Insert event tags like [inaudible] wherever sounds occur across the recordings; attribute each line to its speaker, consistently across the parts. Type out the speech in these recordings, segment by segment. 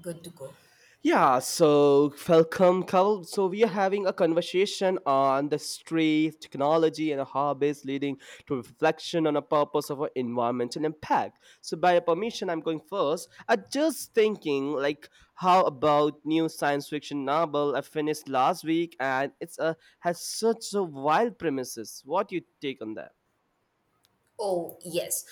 Speaker 1: Good to go.
Speaker 2: Yeah, so welcome, Carl. So we are having a conversation on the street technology and hobbies leading to reflection on the purpose of our environmental impact. So by your permission, I'm going first. I just thinking like how about new science fiction novel I finished last week and it's a has such a wild premises. What do you take on that?
Speaker 1: Oh, yes.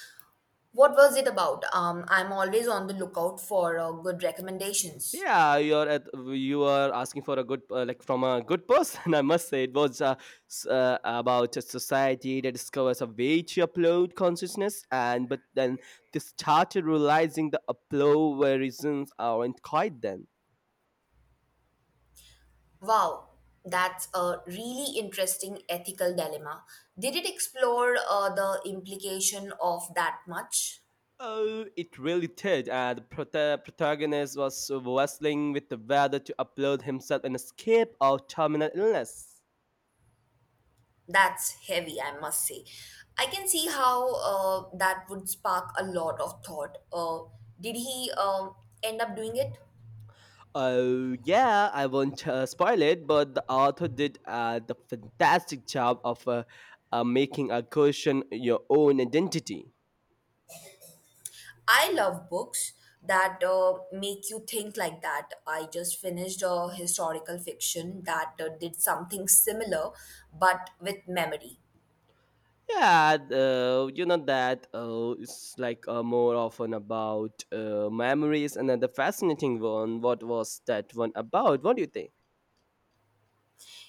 Speaker 1: What was it about? I'm always on the lookout for good recommendations.
Speaker 2: Yeah, you are asking for a good like from a good person. [laughs] I must say it was about a society that discovers a way to upload consciousness, and but then they started realizing the upload reasons aren't quite then.
Speaker 1: Wow, that's a really interesting ethical dilemma. Did it explore the implication of that much?
Speaker 2: Oh, it really did. The protagonist was wrestling with the whether to upload himself and escape or terminal illness.
Speaker 1: That's heavy, I must say. I can see how that would spark a lot of thought. Did he end up doing it?
Speaker 2: Oh, yeah, I won't spoil it, but the author did the fantastic job of making a question your own identity.
Speaker 1: I love books that make you think like that. I just finished a historical fiction that did something similar but with memory.
Speaker 2: Yeah, you know that it's like more often about memories, and then the fascinating one. What was that one about? What do you think?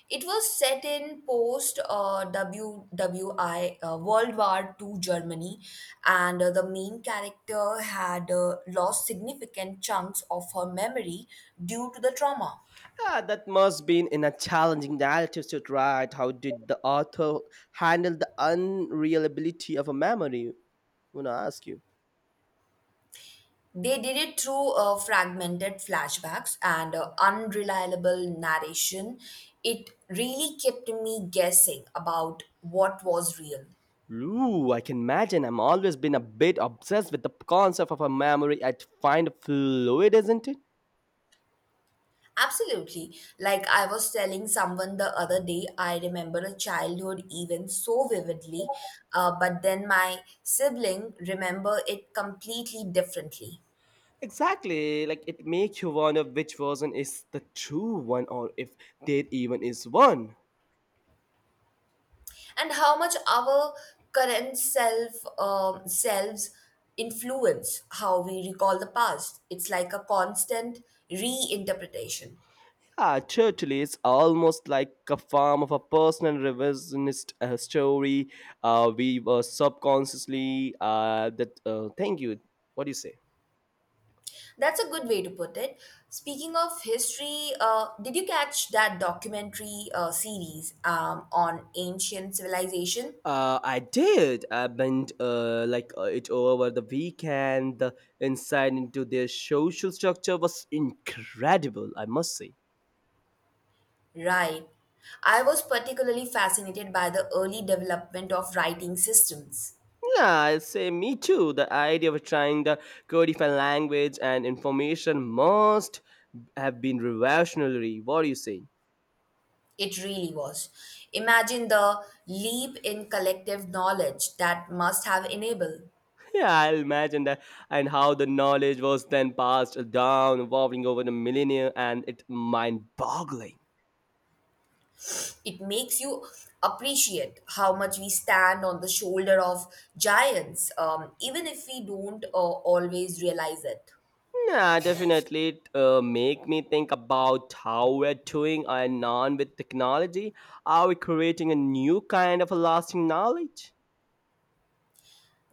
Speaker 1: It was set in post WWI, World War Two Germany, and the main character had lost significant chunks of her memory due to the trauma.
Speaker 2: Yeah, that must been in a challenging narrative to write. How did the author handle the unreliability of a memory? I wanna ask you.
Speaker 1: They did it through fragmented flashbacks and unreliable narration. It really kept me guessing about what was real.
Speaker 2: Ooh, I can imagine. I've always been a bit obsessed with the concept of a memory I find fluid, isn't it?
Speaker 1: Absolutely. Like I was telling someone the other day, I remember a childhood event so vividly, but then my sibling remember it completely differently.
Speaker 2: Exactly. Like it makes you wonder which version is the true one or if there even is one.
Speaker 1: And how much our current self selves influence how we recall the past. It's like a constant reinterpretation.
Speaker 2: Ah, totally. It's almost like a form of a personal revisionist story. We were subconsciously that. Thank you. What do you say?
Speaker 1: That's a good way to put it. Speaking of history, did you catch that documentary series on ancient civilization?
Speaker 2: I did. I bent like it over the weekend. The insight into their social structure was incredible, I must say.
Speaker 1: Right. I was particularly fascinated by the early development of writing systems.
Speaker 2: Yeah, I'd say me too. The idea of trying to codify language and information must have been revolutionary. What do you say?
Speaker 1: It really was. Imagine the leap in collective knowledge that must have enabled.
Speaker 2: Yeah, I imagine that, and how the knowledge was then passed down, evolving over the millennia, and it mind-boggling.
Speaker 1: It makes you appreciate how much we stand on the shoulder of giants, even if we don't always realize it.
Speaker 2: Yeah, definitely. It make me think about how we're doing our non with technology. Are we creating a new kind of a lasting knowledge?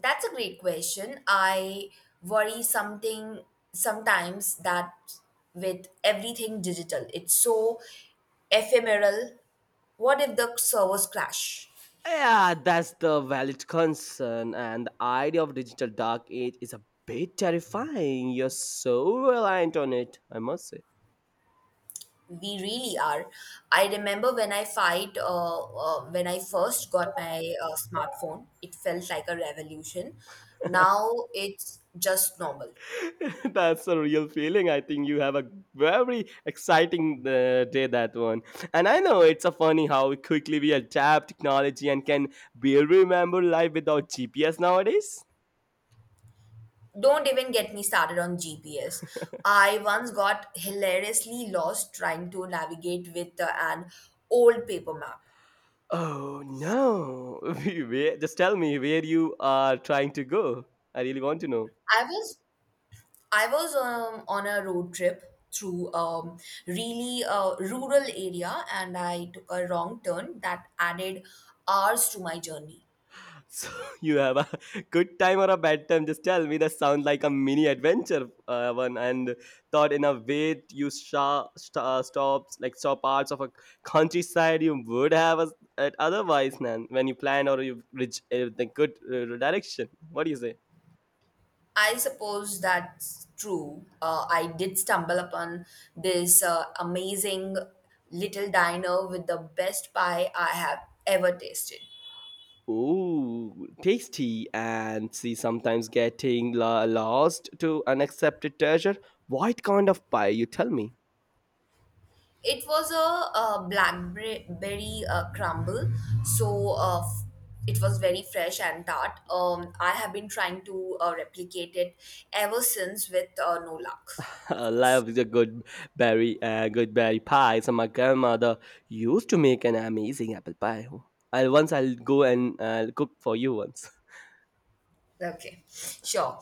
Speaker 1: That's a great question. I worry something sometimes that with everything digital, it's so ephemeral. What if the servers crash?
Speaker 2: Yeah, that's the valid concern. And the idea of digital dark age is a bit terrifying. You're so reliant on it, I must say.
Speaker 1: We really are. I remember when I first got my smartphone, it felt like a revolution. Now it's just normal.
Speaker 2: [laughs] That's a real feeling. I think you have a very exciting day that one. And I know it's a funny how quickly we adapt technology and can barely remember life without GPS nowadays.
Speaker 1: Don't even get me started on GPS. I once got hilariously lost trying to navigate with an old paper map.
Speaker 2: Oh no! [laughs] Just tell me where you are trying to go. I really want to know.
Speaker 1: I was I was on a road trip through really rural area, and I took a wrong turn that added hours to my journey.
Speaker 2: So [laughs] you have a good time or a bad time? Just tell me. That sound like a mini adventure, one. And thought in a way you stops like stop parts of a countryside you would have as at otherwise, man. When you plan or you reach the good direction. What do you say?
Speaker 1: I suppose that's true. I did stumble upon this amazing little diner with the best pie I have ever tasted.
Speaker 2: Ooh, tasty and see sometimes getting lost to unaccepted treasure. What kind of pie? You tell me.
Speaker 1: It was a blackberry crumble, so it was very fresh and tart. I have been trying to replicate it ever since with no luck,
Speaker 2: [laughs] I
Speaker 1: of course.
Speaker 2: love the good berry pie. So my grandmother used to make an amazing apple pie. I'll go and cook for you once. [laughs]
Speaker 1: Okay, sure.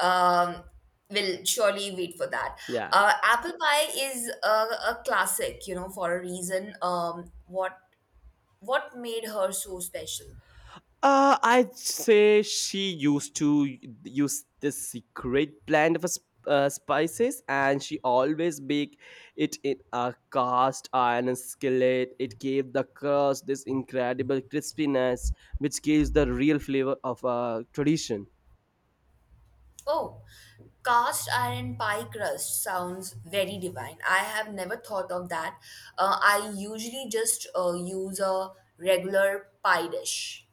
Speaker 1: Um, we'll surely wait for that.
Speaker 2: Yeah.
Speaker 1: Apple pie is a classic, you know, for a reason. What made her so special?
Speaker 2: I'd say she used to use this secret blend of a spices, and she always make it in a cast iron skillet. It gave the crust this incredible crispiness, which gives the real flavor of a tradition.
Speaker 1: Oh, cast iron pie crust sounds very divine. I have never thought of that. I usually just use a regular pie dish.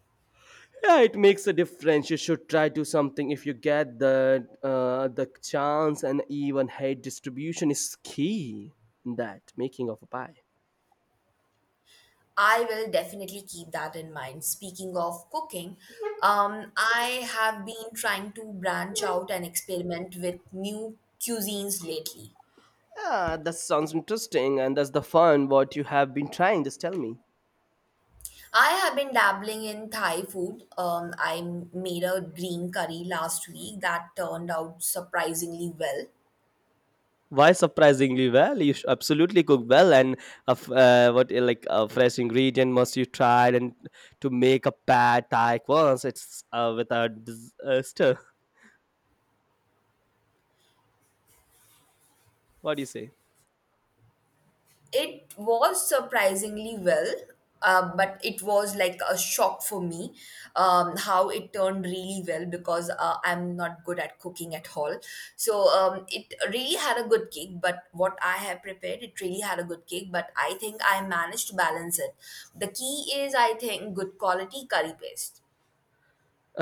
Speaker 2: Yeah, it makes a difference. You should try to something if you get the chance, and even height distribution is key in that making of a pie.
Speaker 1: I will definitely keep that in mind. Speaking of cooking, I have been trying to branch out and experiment with new cuisines lately.
Speaker 2: Yeah, that sounds interesting, and that's the fun. What you have been trying? Just tell me.
Speaker 1: I have been dabbling in Thai food. I made a green curry last week that turned out surprisingly well.
Speaker 2: Why surprisingly well? You absolutely cook well, and what like a fresh ingredient must you try, and to make a pad thai once. It's with a, stir. What do you say?
Speaker 1: It was surprisingly well, but it was like a shock for me how it turned really well because I'm not good at cooking at all. So it really had a good cake, but what I have prepared, it really had a good cake, but I think I managed to balance it. The key is, I think, good quality curry paste.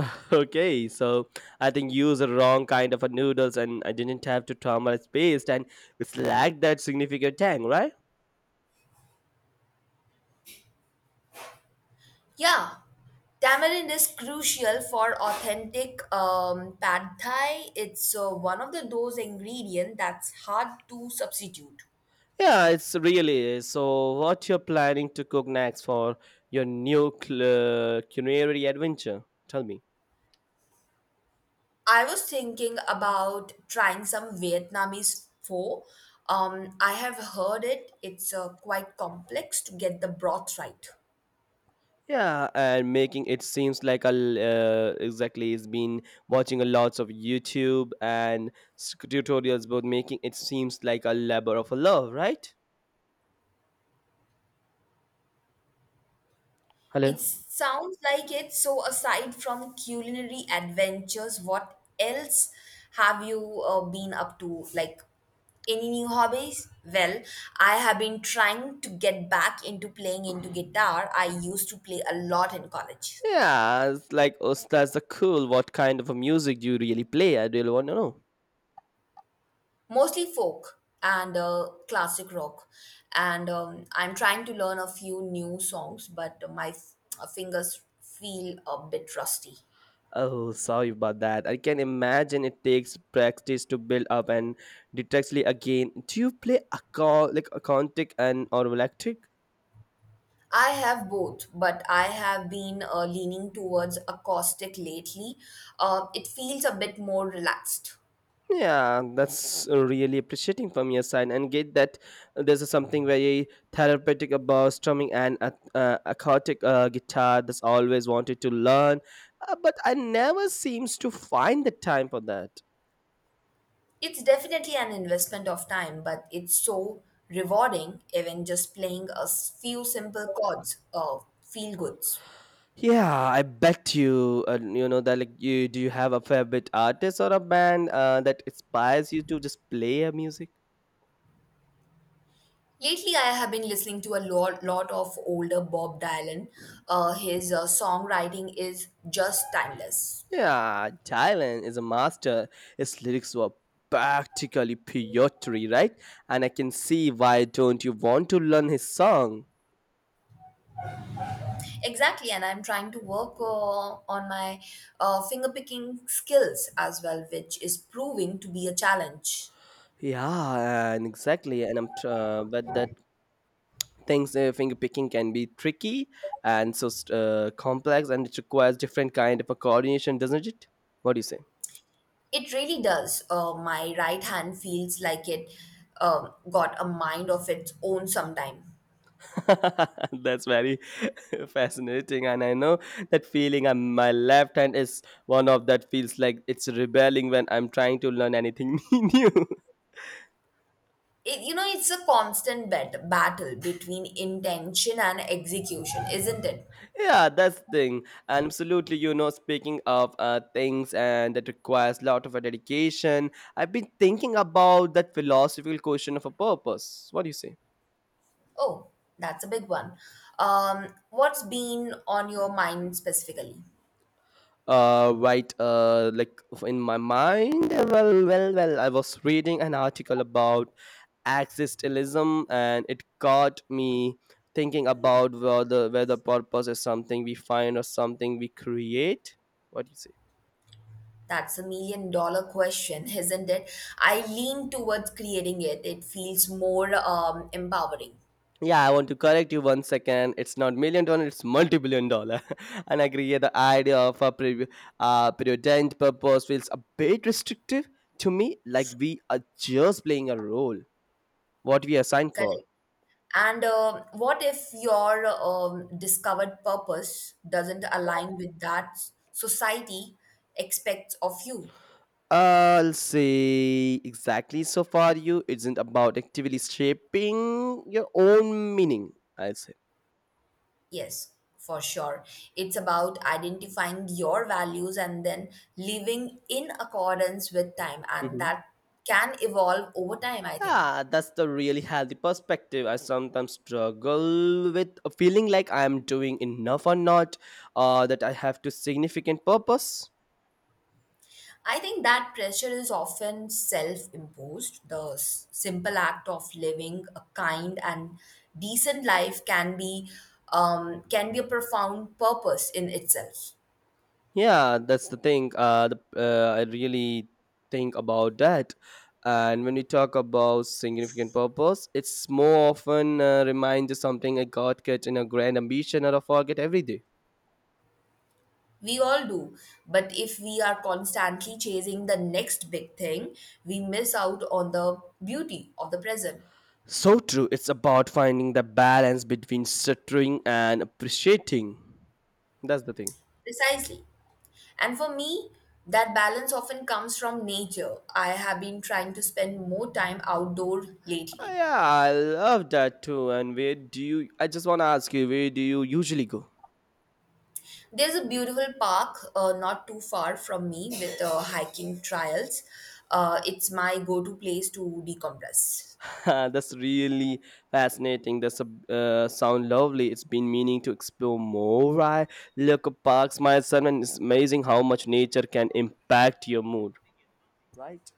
Speaker 2: [laughs] Okay, so I think you used the wrong kind of a noodles and I didn't have to traumatize paste and it's lacked that significant tang, right?
Speaker 1: Yeah, tamarind is crucial for authentic pad thai. It's one of the those ingredients that's hard to substitute.
Speaker 2: Yeah, it's really is. So what you're planning to cook next for your new culinary adventure? Tell me.
Speaker 1: I was thinking about trying some Vietnamese pho. I have heard it. It's quite complex to get the broth right.
Speaker 2: Yeah, and making it seems like exactly is been watching a lots of YouTube and tutorials about making it seems like a labor of a love, right? Hello.
Speaker 1: It sounds like it. So, aside from culinary adventures, what else have you been up to? Like any new hobbies? Well, I have been trying to get back into playing into guitar. I used to play a lot in college,
Speaker 2: Yeah, it's like oh, that's the cool. What kind of a music do you really play? I really want to know.
Speaker 1: mostly folk and classic rock. And I'm trying to learn a few new songs, but my fingers feel a bit rusty.
Speaker 2: Oh, sorry about that. I can imagine it takes practice to build up and detectly again. Do you play like acoustic and or electric?
Speaker 1: I have both, but I have been leaning towards acoustic lately. It feels a bit more relaxed.
Speaker 2: Yeah, that's really appreciating from your side, and get that there's something very therapeutic about strumming and acoustic guitar. That's always wanted to learn, but I never seems to find the time for that.
Speaker 1: It's definitely an investment of time, but it's so rewarding, even just playing a few simple chords, feel goods.
Speaker 2: Yeah, I bet you. You know that like you do you have a favorite artist or a band that inspires you to just play a music?
Speaker 1: Lately, I have been listening to a lot of older Bob Dylan. His songwriting is just timeless.
Speaker 2: Yeah, Dylan is a master. His lyrics were practically poetry, right? And I can see why don't you want to learn his song?
Speaker 1: Exactly, and I'm trying to work on my finger picking skills as well, which is proving to be a challenge.
Speaker 2: Yeah, and exactly. And but that things finger picking can be tricky and so complex, and it requires different kind of a coordination, doesn't it? What do you say?
Speaker 1: It really does. My right hand feels like it got a mind of its own sometime.
Speaker 2: [laughs] That's very [laughs] fascinating, and I know that feeling. And my left hand is one of that feels like it's rebelling when I'm trying to learn anything [laughs] new.
Speaker 1: It's a constant battle between intention and execution, isn't it?
Speaker 2: Yeah, that's thing. And absolutely, speaking of things and that requires a lot of a dedication, I've been thinking about that philosophical question of a purpose. What do you say?
Speaker 1: Oh, that's a big one. What's been on your mind specifically?
Speaker 2: Right, like in my mind, well, I was reading an article about existentialism, and it got me thinking about whether purpose is something we find or something we create. What do you say?
Speaker 1: That's a million dollar question, [laughs] isn't it? I lean towards creating it. It feels more empowering.
Speaker 2: Yeah, I want to correct you one second. It's not million dollar, it's multi-billion dollar. [laughs] And I agree. Yeah, the idea of a preordained purpose feels a bit restrictive to me, like we are just playing a role what we are signed for.
Speaker 1: Correct. And what if your discovered purpose doesn't align with that society expects of you?
Speaker 2: I'll say exactly so far you isn't about actively shaping your own meaning, I'd say.
Speaker 1: Yes, for sure. It's about identifying your values and then living in accordance with time, and
Speaker 2: Mhm.
Speaker 1: that can evolve over time, I think.
Speaker 2: Yeah, that's the really healthy perspective. I sometimes struggle with a feeling like I'm doing enough or not, or that I have to significant purpose.
Speaker 1: I think that pressure is often self imposed. The simple act of living a kind and decent life can be, a profound purpose in itself.
Speaker 2: Yeah, that's the thing. I really think about that. And when we talk about significant purpose, it's more often reminds reminder something I got catch in a grand ambition or a forget every day.
Speaker 1: We all do, but if we are constantly chasing the next big thing, we miss out on the beauty of the present.
Speaker 2: So true. It's about finding the balance between stuttering and appreciating. That's the thing.
Speaker 1: Precisely. And for me, that balance often comes from nature. I have been trying to spend more time outdoor lately.
Speaker 2: Yeah, I love that too. And where do you? I just want to ask you, where do you usually go?
Speaker 1: There's a beautiful park not too far from me with hiking trails. It's my go to place to decompress.
Speaker 2: [laughs] That's really fascinating. That's a sound lovely. It's been meaning to explore more. I look at parks myself, and it's amazing how much nature can impact your mood. Right.